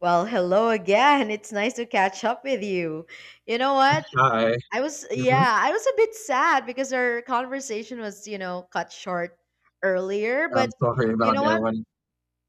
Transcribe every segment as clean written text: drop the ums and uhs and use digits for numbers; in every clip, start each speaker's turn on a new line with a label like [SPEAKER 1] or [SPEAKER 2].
[SPEAKER 1] Well, hello again. It's nice to catch up with you. You know what?
[SPEAKER 2] Hi.
[SPEAKER 1] I was,
[SPEAKER 2] hmm
[SPEAKER 1] yeah, I was a bit sad because our conversation was cut short earlier.
[SPEAKER 2] I'm
[SPEAKER 1] But
[SPEAKER 2] sorry
[SPEAKER 1] you
[SPEAKER 2] about
[SPEAKER 1] know
[SPEAKER 2] that
[SPEAKER 1] what?
[SPEAKER 2] one.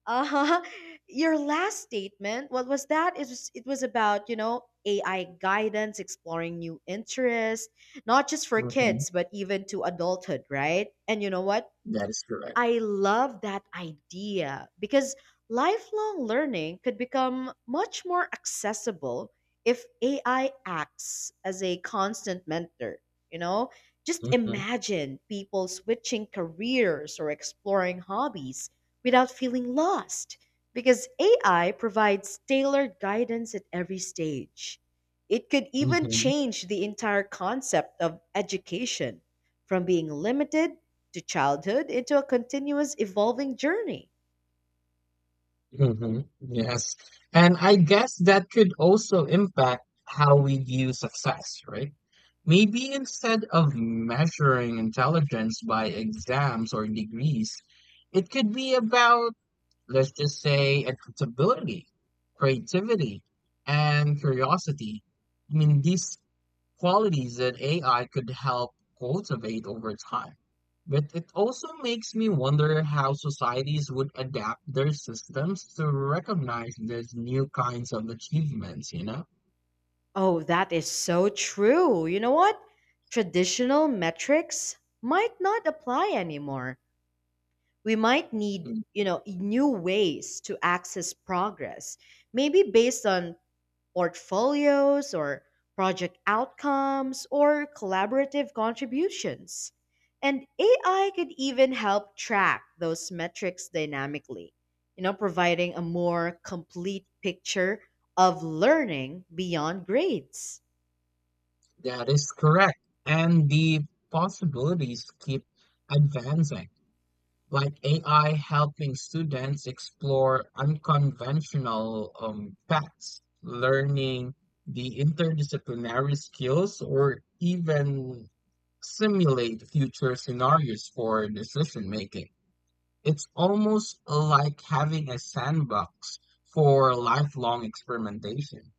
[SPEAKER 1] Uh huh. Your last statement, what was that? It was about, AI guidance, exploring new interests, not just for
[SPEAKER 2] hmm
[SPEAKER 1] kids, but even to adulthood, right? And you know what?
[SPEAKER 2] That is correct.
[SPEAKER 1] I love that idea because lifelong learning could become much more accessible if AI acts as a constant mentor. You know, just
[SPEAKER 2] hmm
[SPEAKER 1] imagine people switching careers or exploring hobbies without feeling lost because AI provides tailored guidance at every stage. It could even
[SPEAKER 2] hmm
[SPEAKER 1] change the entire concept of education from being limited to childhood into a continuous evolving journey.
[SPEAKER 2] Yes. And I guess that could also impact how we view success, right? Maybe instead of measuring intelligence by exams or degrees, it could be about, let's just say, accountability, creativity, and curiosity. I mean, these qualities that AI could help cultivate over time. But it also makes me wonder how societies would adapt their systems to recognize these new kinds of achievements, you know?
[SPEAKER 1] Oh, that is so true. You know what? Traditional metrics might not apply anymore. We might need,
[SPEAKER 2] Mm,
[SPEAKER 1] you know, new ways to access progress, maybe based on portfolios or project outcomes or collaborative contributions. And AI could even help track those metrics dynamically, providing a more complete picture of learning beyond grades.
[SPEAKER 2] That is correct. And the possibilities keep advancing, like AI helping students explore unconventional paths, learning the interdisciplinary skills, or even simulate future scenarios for decision making. It's almost like having a sandbox for lifelong experimentation.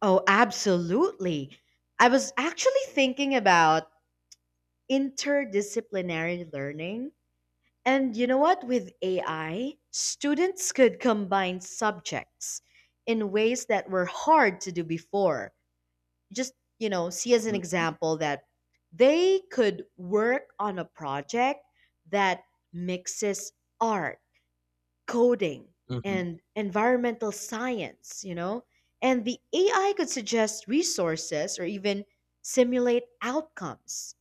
[SPEAKER 1] Oh, absolutely. I was actually thinking about interdisciplinary learning. And you know what? With AI, students could combine subjects in ways that were hard to do before. Just see as an
[SPEAKER 2] hmm
[SPEAKER 1] example that they could work on a project that mixes art, coding, and environmental science, you know? And the AI could suggest resources or even simulate outcomes.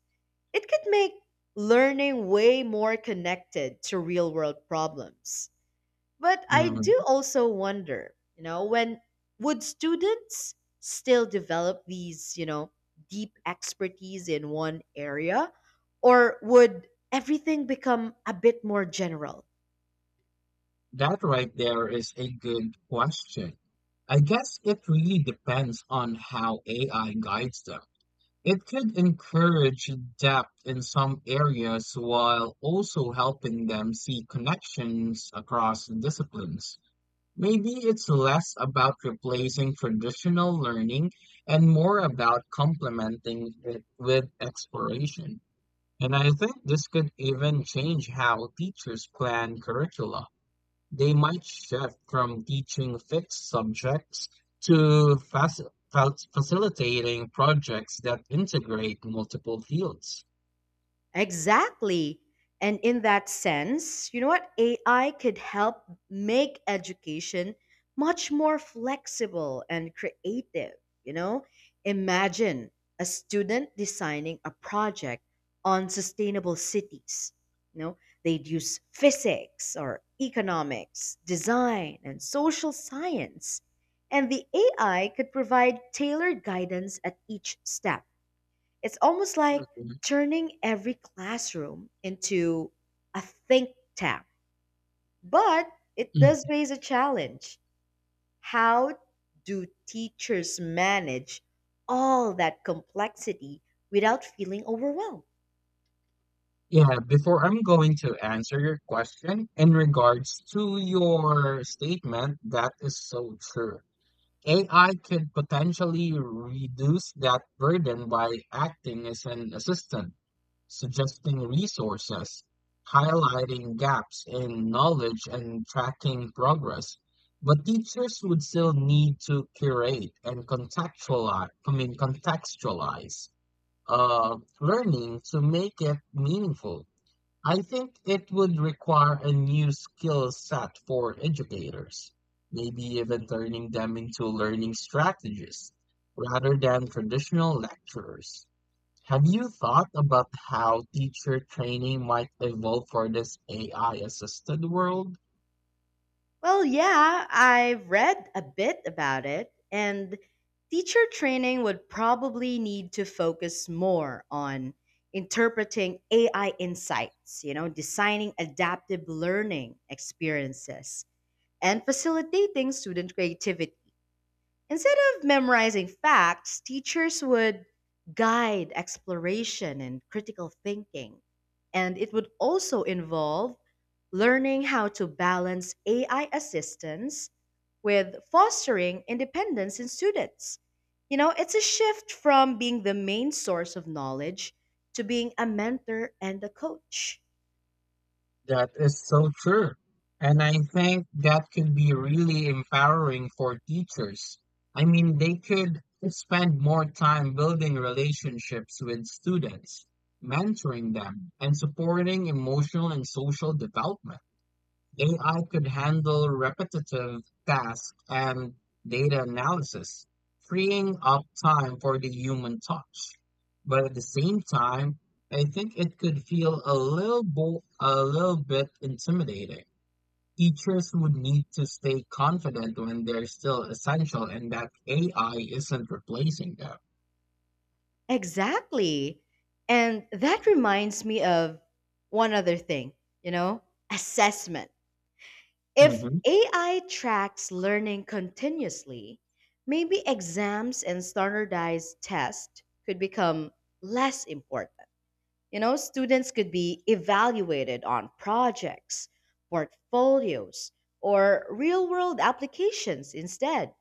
[SPEAKER 1] It could make learning way more connected to real world problems. But I
[SPEAKER 2] hmm
[SPEAKER 1] do also wonder when would students still develop these deep expertise in one area? Or would everything become a bit more general?
[SPEAKER 2] That right there is a good question. I guess it really depends on how AI guides them. It could encourage depth in some areas while also helping them see connections across disciplines. Maybe it's less about replacing traditional learning and more about complementing it with exploration. And I think this could even change how teachers plan curricula. They might shift from teaching fixed subjects to facilitating projects that integrate multiple fields.
[SPEAKER 1] Exactly. And in that sense, you know what? AI could help make education much more flexible and creative. You know, imagine a student designing a project on sustainable cities. You know, they'd use physics or economics, design, and social science. And the AI could provide tailored guidance at each step. It's almost like
[SPEAKER 2] Mhm.
[SPEAKER 1] turning every classroom into a think tank. But it does raise a challenge. How do teachers manage all that complexity without feeling overwhelmed?
[SPEAKER 2] Yeah, before I'm going to answer your question in regards to your statement, that is so true. AI could potentially reduce that burden by acting as an assistant, suggesting resources, highlighting gaps in knowledge, and tracking progress. But teachers would still need to curate and contextualize learning to make it meaningful. I think it would require a new skill set for educators, maybe even turning them into learning strategists rather than traditional lecturers. Have you thought about how teacher training might evolve for this AI assisted world?
[SPEAKER 1] Well, yeah, I've read a bit about it, and teacher training would probably need to focus more on interpreting AI insights, designing adaptive learning experiences, and facilitating student creativity. Instead of memorizing facts, teachers would guide exploration and critical thinking. And it would also involve learning how to balance AI assistance with fostering independence in students. It's a shift from being the main source of knowledge to being a mentor and a coach.
[SPEAKER 2] That is so true. And I think that could be really empowering for teachers. I mean, they could spend more time building relationships with students, mentoring them, and supporting emotional and social development. AI could handle repetitive tasks and data analysis, freeing up time for the human touch. But at the same time, I think it could feel a little bit intimidating. Teachers would need to stay confident when they're still essential and that AI isn't replacing them.
[SPEAKER 1] Exactly. And that reminds me of one other thing, you know, assessment. If
[SPEAKER 2] hmm
[SPEAKER 1] AI tracks learning continuously, maybe exams and standardized tests could become less important. Students could be evaluated on projects, portfolios, or real world applications instead.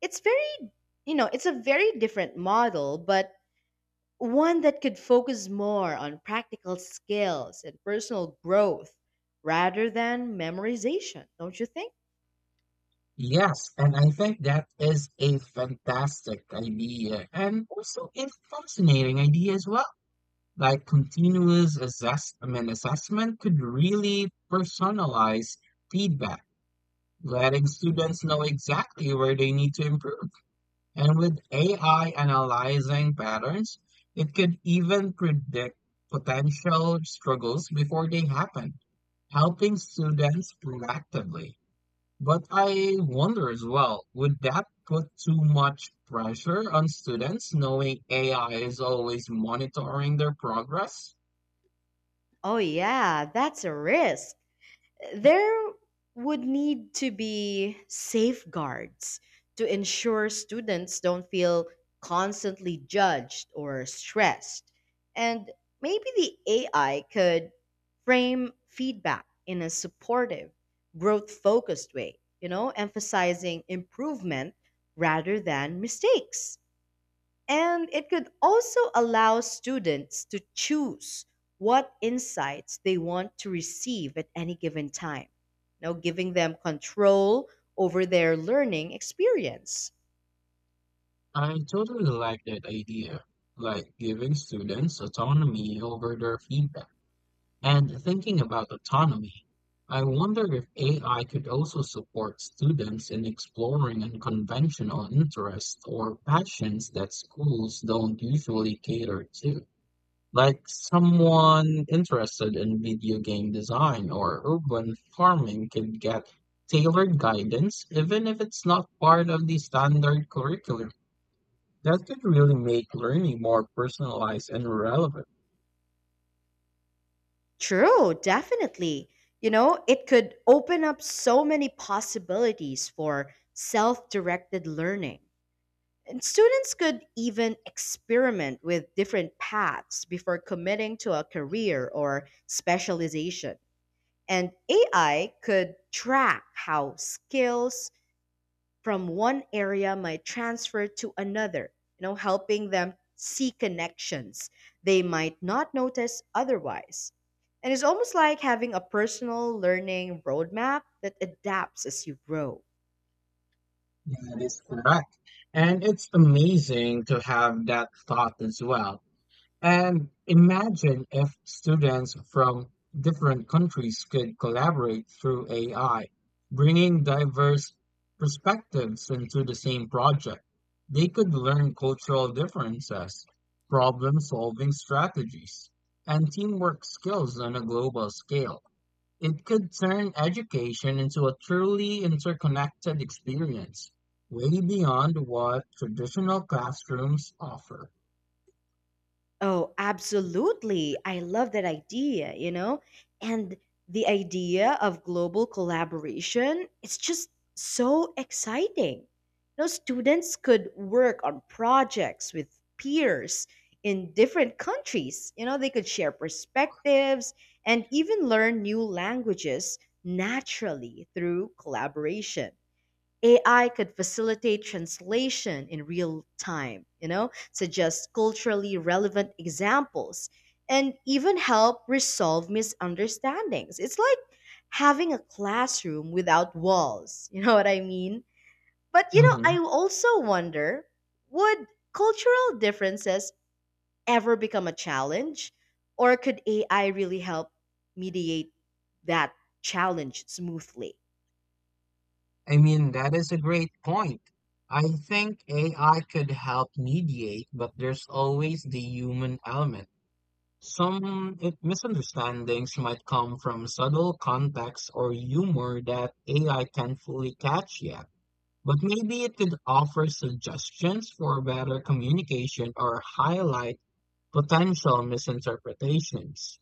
[SPEAKER 1] It's very, it's a very different model, but one that could focus more on practical skills and personal growth rather than memorization, don't you think?
[SPEAKER 2] Yes, and I think that is a fantastic idea and also a fascinating idea as well. Like continuous assessment could really personalize feedback, letting students know exactly where they need to improve. And with AI analyzing patterns, it could even predict potential struggles before they happen, helping students proactively. But I wonder as well, would that put too much pressure on students knowing AI is always monitoring their progress?
[SPEAKER 1] Oh, yeah, that's a risk. There would need to be safeguards to ensure students don't feel constantly judged or stressed. And maybe the AI could frame feedback in a supportive, growth focused way, emphasizing improvement rather than mistakes. And it could also allow students to choose what insights they want to receive at any given time, now giving them control over their learning experience.
[SPEAKER 2] I totally like that idea, like giving students autonomy over their feedback. And thinking about autonomy, I wonder if AI could also support students in exploring unconventional interests or passions that schools don't usually cater to. Like someone interested in video game design or urban farming could get tailored guidance, even if it's not part of the standard curriculum. That could really make learning more personalized and relevant.
[SPEAKER 1] True, definitely. It could open up so many possibilities for self directed learning. And students could even experiment with different paths before committing to a career or specialization. And AI could track how skills from one area might transfer to another, helping them see connections they might not notice otherwise. And it's almost like having a personal learning roadmap that adapts as you grow.
[SPEAKER 2] Yeah, that is correct. And it's amazing to have that thought as well. And imagine if students from different countries could collaborate through AI, bringing diverse perspectives into the same project. They could learn cultural differences, problem solving strategies, and teamwork skills on a global scale. It could turn education into a truly interconnected experience, way beyond what traditional classrooms offer.
[SPEAKER 1] Oh, absolutely. I love that idea, you know? And the idea of global collaboration, it's just so exciting. Students could work on projects with peers in different countries. They could share perspectives and even learn new languages naturally through collaboration. AI could facilitate translation in real time, suggest culturally relevant examples, and even help resolve misunderstandings. It's like having a classroom without walls, you know what I mean? But, you know,
[SPEAKER 2] hmm
[SPEAKER 1] I also wonder would cultural differences ever become a challenge? Or could AI really help mediate that challenge smoothly?
[SPEAKER 2] I mean, that is a great point. I think AI could help mediate, but there's always the human element. Some misunderstandings might come from subtle context or humor that AI can't fully catch yet. But maybe it could offer suggestions for better communication or highlight potential misinterpretations.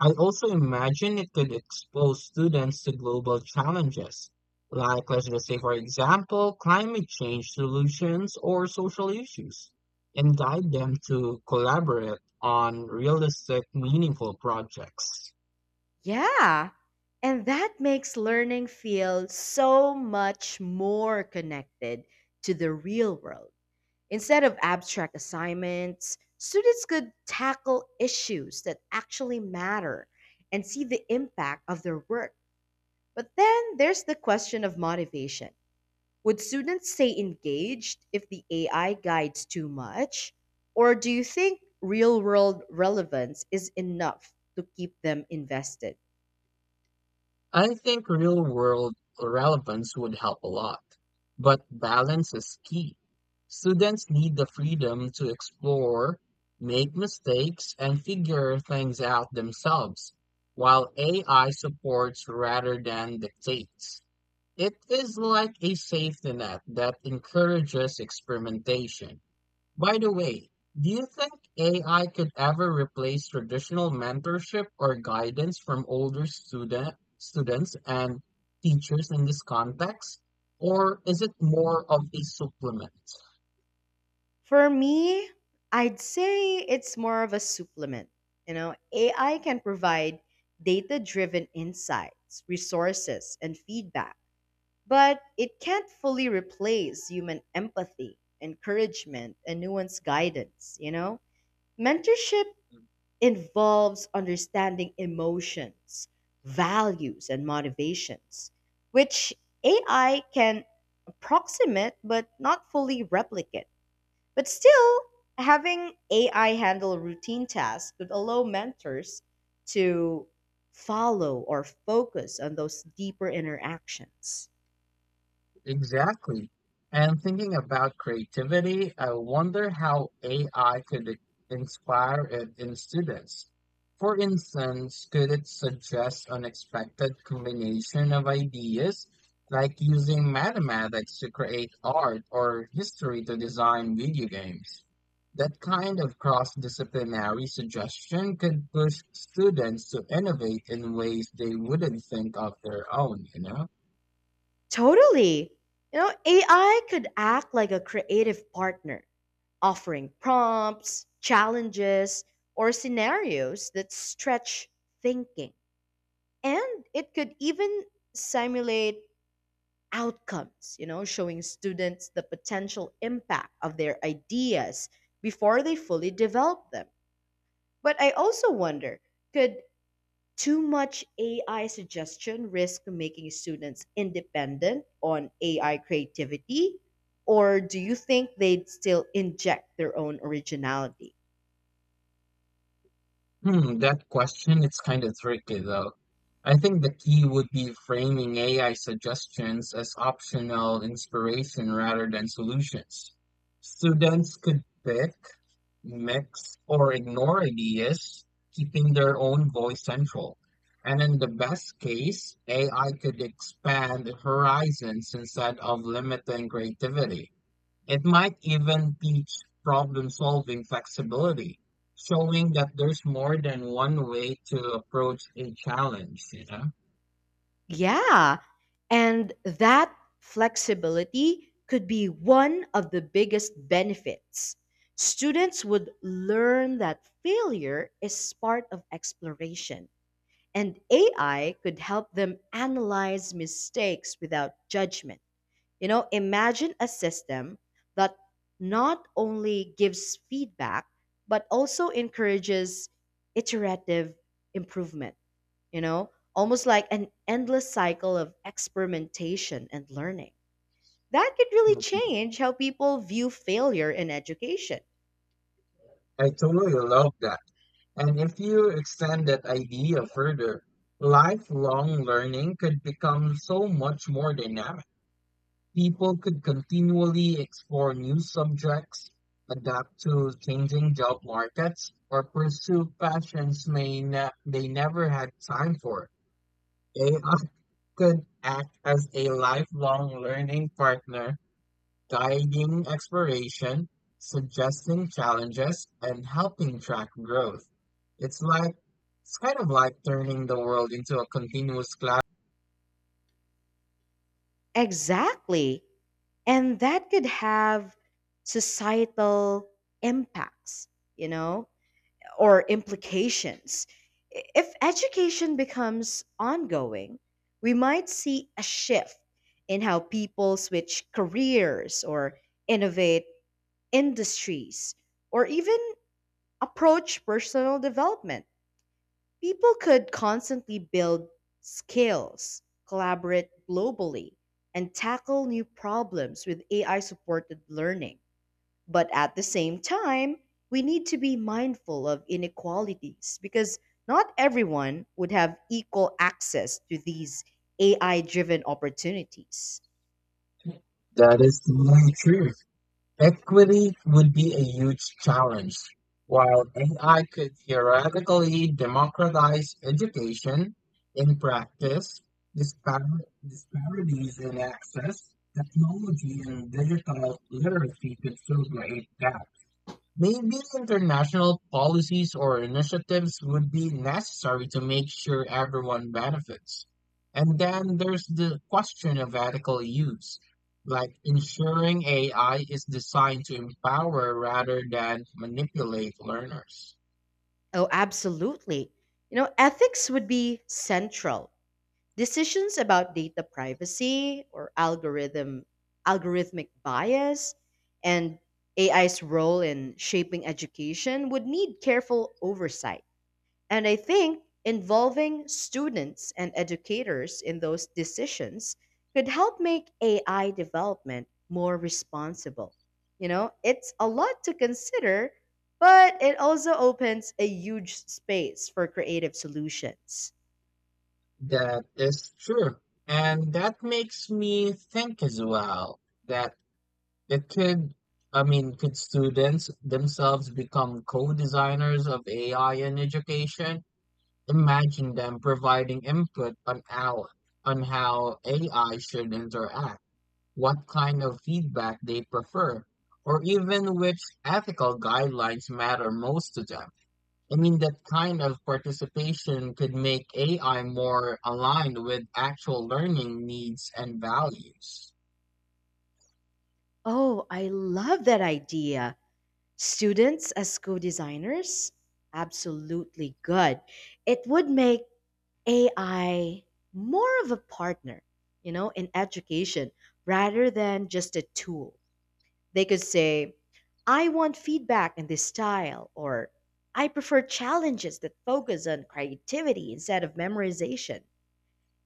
[SPEAKER 2] I also imagine it could expose students to global challenges, like, let's just say, for example, climate change solutions or social issues, and guide them to collaborate on realistic, meaningful projects.
[SPEAKER 1] Yeah. And that makes learning feel so much more connected to the real world. Instead of abstract assignments, students could tackle issues that actually matter and see the impact of their work. But then there's the question of motivation. Would students stay engaged if the AI guides too much? Or do you think real world relevance is enough to keep them invested?
[SPEAKER 2] I think real world relevance would help a lot, but balance is key. Students need the freedom to explore, make mistakes, and figure things out themselves, while AI supports rather than dictates. It is like a safety net that encourages experimentation. By the way, do you think AI could ever replace traditional mentorship or guidance from older student students and teachers in this context? Or is it more of a supplement?
[SPEAKER 1] For me, I'd say it's more of a supplement. AI can provide data driven insights, resources, and feedback, but it can't fully replace human empathy, encouragement, and nuanced guidance. Mentorship involves understanding emotions, values, and motivations, which AI can approximate but not fully replicate. But still, having AI handle routine tasks could allow mentors to follow or focus on those deeper interactions.
[SPEAKER 2] Exactly. And thinking about creativity, I wonder how AI could inspire it in students. For instance, could it suggest unexpected combination of ideas, like using mathematics to create art or history to design video games? That kind of cross-disciplinary suggestion could push students to innovate in ways they wouldn't think of their own, you know?
[SPEAKER 1] Totally. AI could act like a creative partner offering prompts, challenges, or scenarios that stretch thinking. And it could even simulate outcomes, showing students the potential impact of their ideas before they fully develop them. But I also wonder could too much AI suggestion risk making students independent on AI creativity? Or do you think they'd still inject their own originality?
[SPEAKER 2] Hmm, that question its kind of tricky though. I think the key would be framing AI suggestions as optional inspiration rather than solutions. Students could pick, mix, or ignore ideas, keeping their own voice central. And in the best case, AI could expand horizons instead of limiting creativity. It might even teach problem-solving flexibility, showing that there's more than one way to approach a challenge, you know?
[SPEAKER 1] Yeah. And that flexibility could be one of the biggest benefits. Students would learn that failure is part of exploration, and AI could help them analyze mistakes without judgment. Imagine a system that not only gives feedback, but also encourages iterative improvement, almost like an endless cycle of experimentation and learning. That could really
[SPEAKER 2] Mhm.
[SPEAKER 1] change how people view failure in education.
[SPEAKER 2] I totally love that. And if you extend that idea further, lifelong learning could become so much more dynamic. People could continually explore new subjects, adapt to changing job markets, or pursue passions they never had time for. AI could act as a lifelong learning partner, guiding exploration, suggesting challenges, and helping track growth. It's like, it's kind of like turning the world into a continuous cloud.
[SPEAKER 1] Exactly. And that could have societal impacts, you know? Or implications. If education becomes ongoing, we might see a shift in how people switch careers or innovate industries or even approach personal development. People could constantly build skills, collaborate globally, and tackle new problems with AI supported learning. But at the same time, we need to be mindful of inequalities because not everyone would have equal access to these AI driven opportunities.
[SPEAKER 2] That is the true. Equity would be a huge challenge. While AI could theoretically democratize education, in practice, dispar- disparities in access, technology, and digital literacy could still create gaps. Maybe international policies or initiatives would be necessary to make sure everyone benefits. And then there's the question of ethical use, like ensuring AI is designed to empower rather than manipulate learners.
[SPEAKER 1] Oh, absolutely. Ethics would be central. Decisions about data privacy or algorithmic bias and AI's role in shaping education would need careful oversight. And I think involving students and educators in those decisions could help make AI development more responsible. It's a lot to consider, but it also opens a huge space for creative solutions.
[SPEAKER 2] That is true. And that makes me think as well that it could, I mean, could students themselves become co designers of AI in education? Imagine them providing input on how AI should interact, what kind of feedback they prefer, or even which ethical guidelines matter most to them. I mean, that kind of participation could make AI more aligned with actual learning needs and values.
[SPEAKER 1] Oh, I love that idea. Students as co-designers, absolutely good. It would make AI more of a partner in education rather than just a tool. They could say, I want feedback in this style, or I prefer challenges that focus on creativity instead of memorization.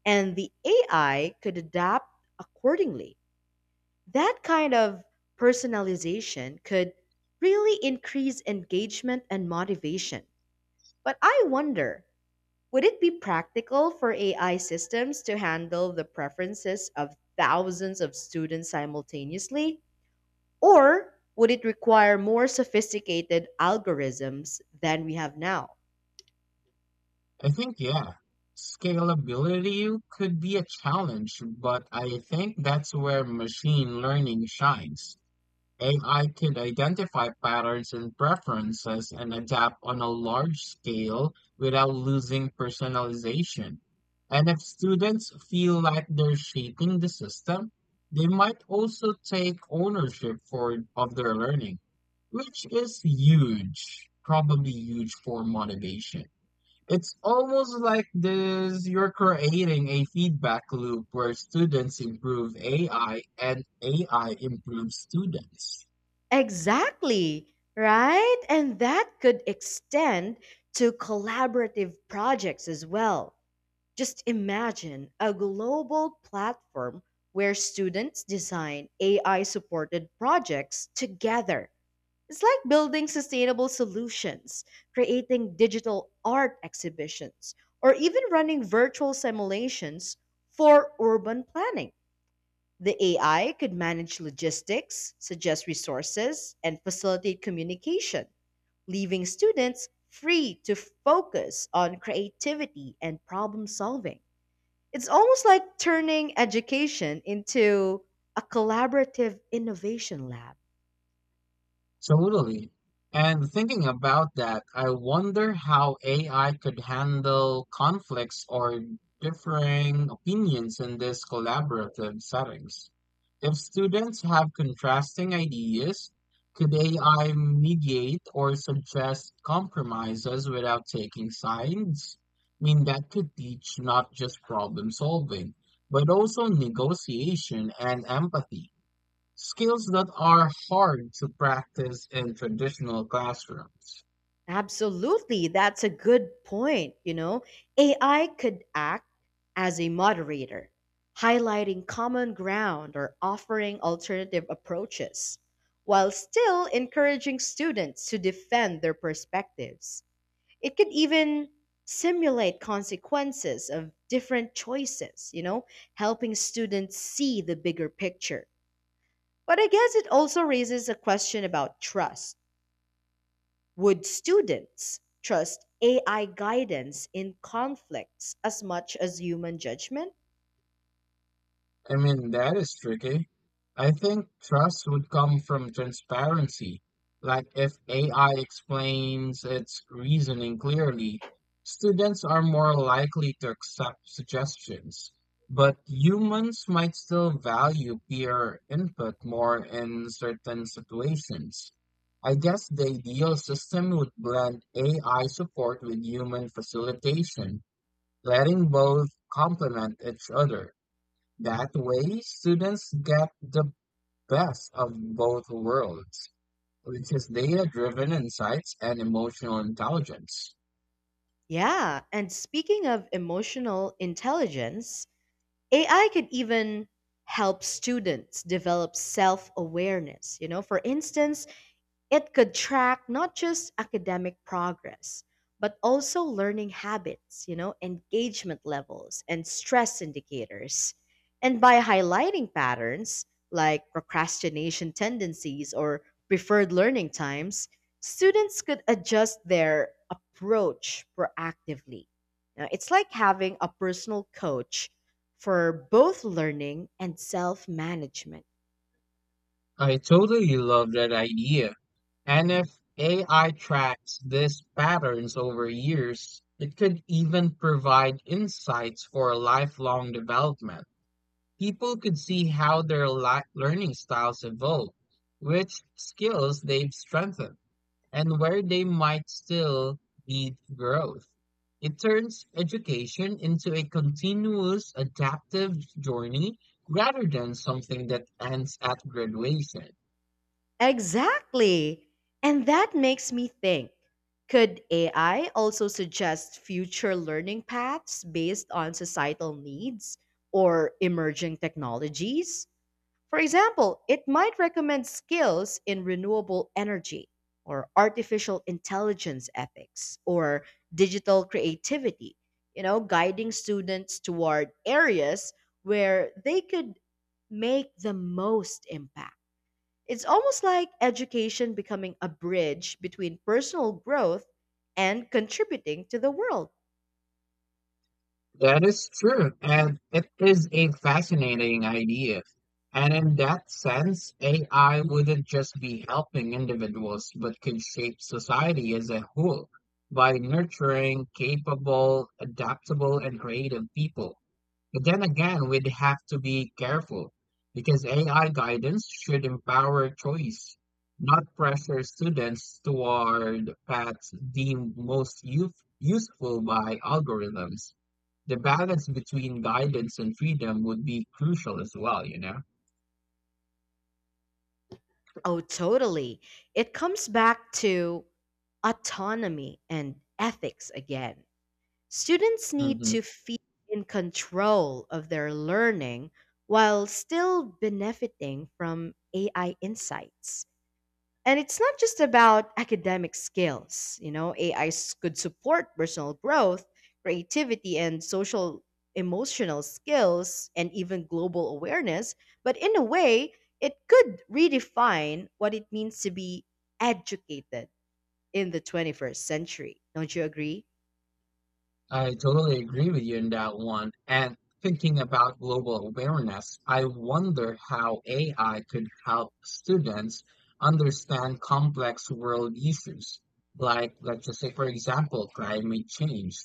[SPEAKER 1] And the AI could adapt accordingly. That kind of personalization could really increase engagement and motivation. But I wonder would it be practical for AI systems to handle the preferences of thousands of students simultaneously? Or would it require more sophisticated algorithms than we have now?
[SPEAKER 2] I think, yeah, scalability could be a challenge, but I think that's where machine learning shines. AI could identify patterns and preferences and adapt on a large scale without losing personalization. And if students feel like they're shaping the system, they might also take ownership for of their learning, which is huge for motivation. It's almost like this, you're creating a feedback loop where students improve AI and AI improves students.
[SPEAKER 1] Exactly, right? And that could extend to collaborative projects as well. Just imagine a global platform where students design AI supported projects together. It's like building sustainable solutions, creating digital art exhibitions, or even running virtual simulations for urban planning. The AI could manage logistics, suggest resources, and facilitate communication, leaving students free to focus on creativity and problem solving. It's almost like turning education into a collaborative innovation lab.
[SPEAKER 2] Absolutely. And thinking about that, I wonder how AI could handle conflicts or differing opinions in these collaborative settings. If students have contrasting ideas, could AI mediate or suggest compromises without taking sides? I mean, that could teach not just problem solving, but also negotiation and empathy. Skills that are hard to practice in traditional classrooms.
[SPEAKER 1] Absolutely. That's a good point. AI could act as a moderator, highlighting common ground or offering alternative approaches, while still encouraging students to defend their perspectives. It could even simulate consequences of different choices, helping students see the bigger picture. But I guess it also raises a question about trust. Would students trust AI guidance in conflicts as much as human judgment?
[SPEAKER 2] I mean, that is tricky. I think trust would come from transparency. Like if AI explains its reasoning clearly, students are more likely to accept suggestions. But humans might still value peer input more in certain situations. I guess the ideal system would blend AI support with human facilitation, letting both complement each other. That way, students get the best of both worlds, which is data-driven insights and emotional intelligence.
[SPEAKER 1] Yeah, and speaking of emotional intelligence, AI could even help students develop self awareness. For instance, it could track not just academic progress, but also learning habits, engagement levels, and stress indicators. And by highlighting patterns like procrastination tendencies or preferred learning times, students could adjust their approach proactively. Now, it's like having a personal coach for both learning and self management.
[SPEAKER 2] I totally love that idea. And if AI tracks these patterns over years, it could even provide insights for lifelong development. People could see how their learning styles evolve, which skills they've strengthened and where they might still need growth. It turns education into a continuous adaptive journey rather than something that ends at graduation.
[SPEAKER 1] Exactly. And that makes me think, could AI also suggest future learning paths based on societal needs or emerging technologies? For example, it might recommend skills in renewable energy or artificial intelligence ethics or digital creativity, guiding students toward areas where they could make the most impact. It's almost like education becoming a bridge between personal growth and contributing to the world.
[SPEAKER 2] That is true, and it is a fascinating idea. And in that sense, AI wouldn't just be helping individuals, but could shape society as a whole by nurturing capable, adaptable, and creative people. But then again, we'd have to be careful because AI guidance should empower choice, not pressure students toward paths deemed most use useful by algorithms. The balance between guidance and freedom would be crucial as well, you know?
[SPEAKER 1] Oh, totally. It comes back to autonomy and ethics again. Students need
[SPEAKER 2] Mhm.
[SPEAKER 1] to feel in control of their learning while still benefiting from AI insights. And it's not just about academic skills. AI could support personal growth, creativity, and social emotional skills, and even global awareness. But in a way, it could redefine what it means to be educated in the 21st century. Don't you agree?
[SPEAKER 2] I totally agree with you on that one. And thinking about global awareness, I wonder how AI could help students understand complex world issues, like, let's just say, for example, climate change,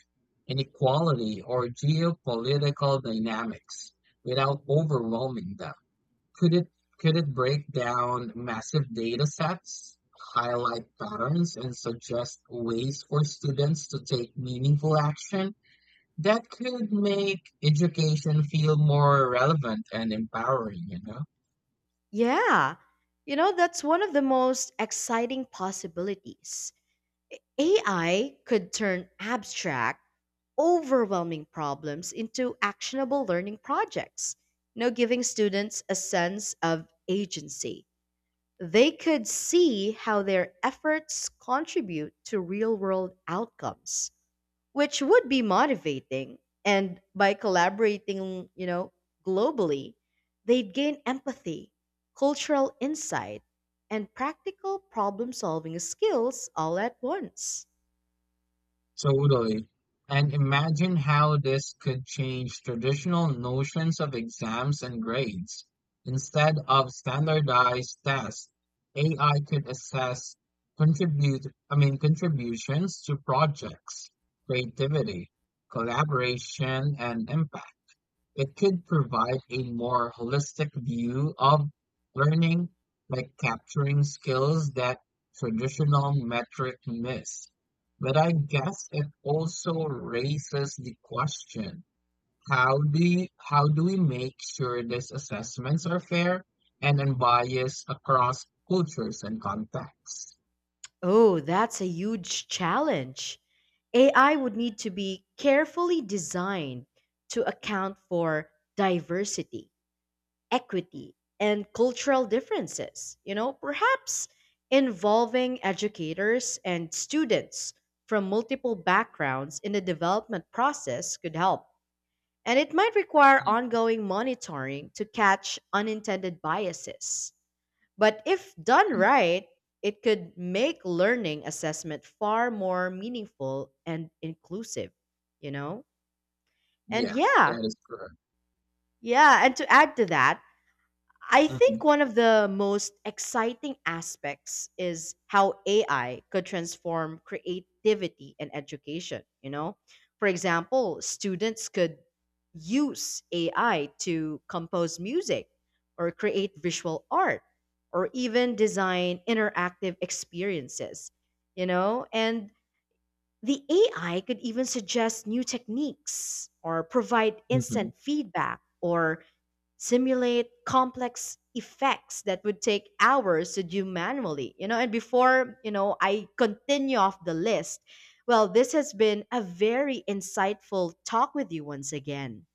[SPEAKER 2] inequality, or geopolitical dynamics without overwhelming them. Could it, could it break down massive data sets, highlight patterns and suggest ways for students to take meaningful action that could make education feel more relevant and empowering, you know?
[SPEAKER 1] Yeah. That's one of the most exciting possibilities. AI could turn abstract overwhelming problems into actionable learning projects, giving students a sense of agency. They could see how their efforts contribute to real world outcomes, which would be motivating. And by collaborating, globally, they'd gain empathy, cultural insight, and practical problem solving skills all at once.
[SPEAKER 2] Totally. And imagine how this could change traditional notions of exams and grades. Instead of standardized tests, AI could assess contributions to projects, creativity, collaboration, and impact. It could provide a more holistic view of learning, like capturing skills that traditional metric miss. But I guess it also raises the question, how do we make sure these assessments are fair and unbiased across cultures and contexts?
[SPEAKER 1] Oh, that's a huge challenge. AI would need to be carefully designed to account for diversity, equity, and cultural differences, perhaps involving educators and students from multiple backgrounds in the development process could help, and it might require ongoing monitoring to catch unintended biases. But if done
[SPEAKER 2] Mhm.
[SPEAKER 1] right, it could make learning assessment far more meaningful and inclusive, you know? And
[SPEAKER 2] Yeah,
[SPEAKER 1] yeah,
[SPEAKER 2] that is correct.
[SPEAKER 1] yeah. And to add to that, I think
[SPEAKER 2] Mhm.
[SPEAKER 1] one of the most exciting aspects is how AI could transform creativity in education, you know? For example, students could use AI to compose music or create visual art or even design interactive experiences, you know? And the AI could even suggest new techniques or provide
[SPEAKER 2] Mhm.
[SPEAKER 1] instant feedback or simulate complex effects that would take hours to do manually. And before, I continue off the list, well, this has been a very insightful talk with you once again.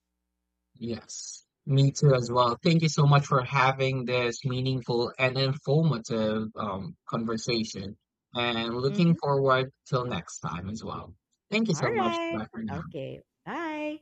[SPEAKER 2] Yes, me too as well. Thank you so much for having this meaningful and informative conversation. And looking
[SPEAKER 1] Mhm.
[SPEAKER 2] forward till next time as well. Thank you
[SPEAKER 1] All
[SPEAKER 2] so much.
[SPEAKER 1] right.
[SPEAKER 2] Bye for now.
[SPEAKER 1] Okay. Bye.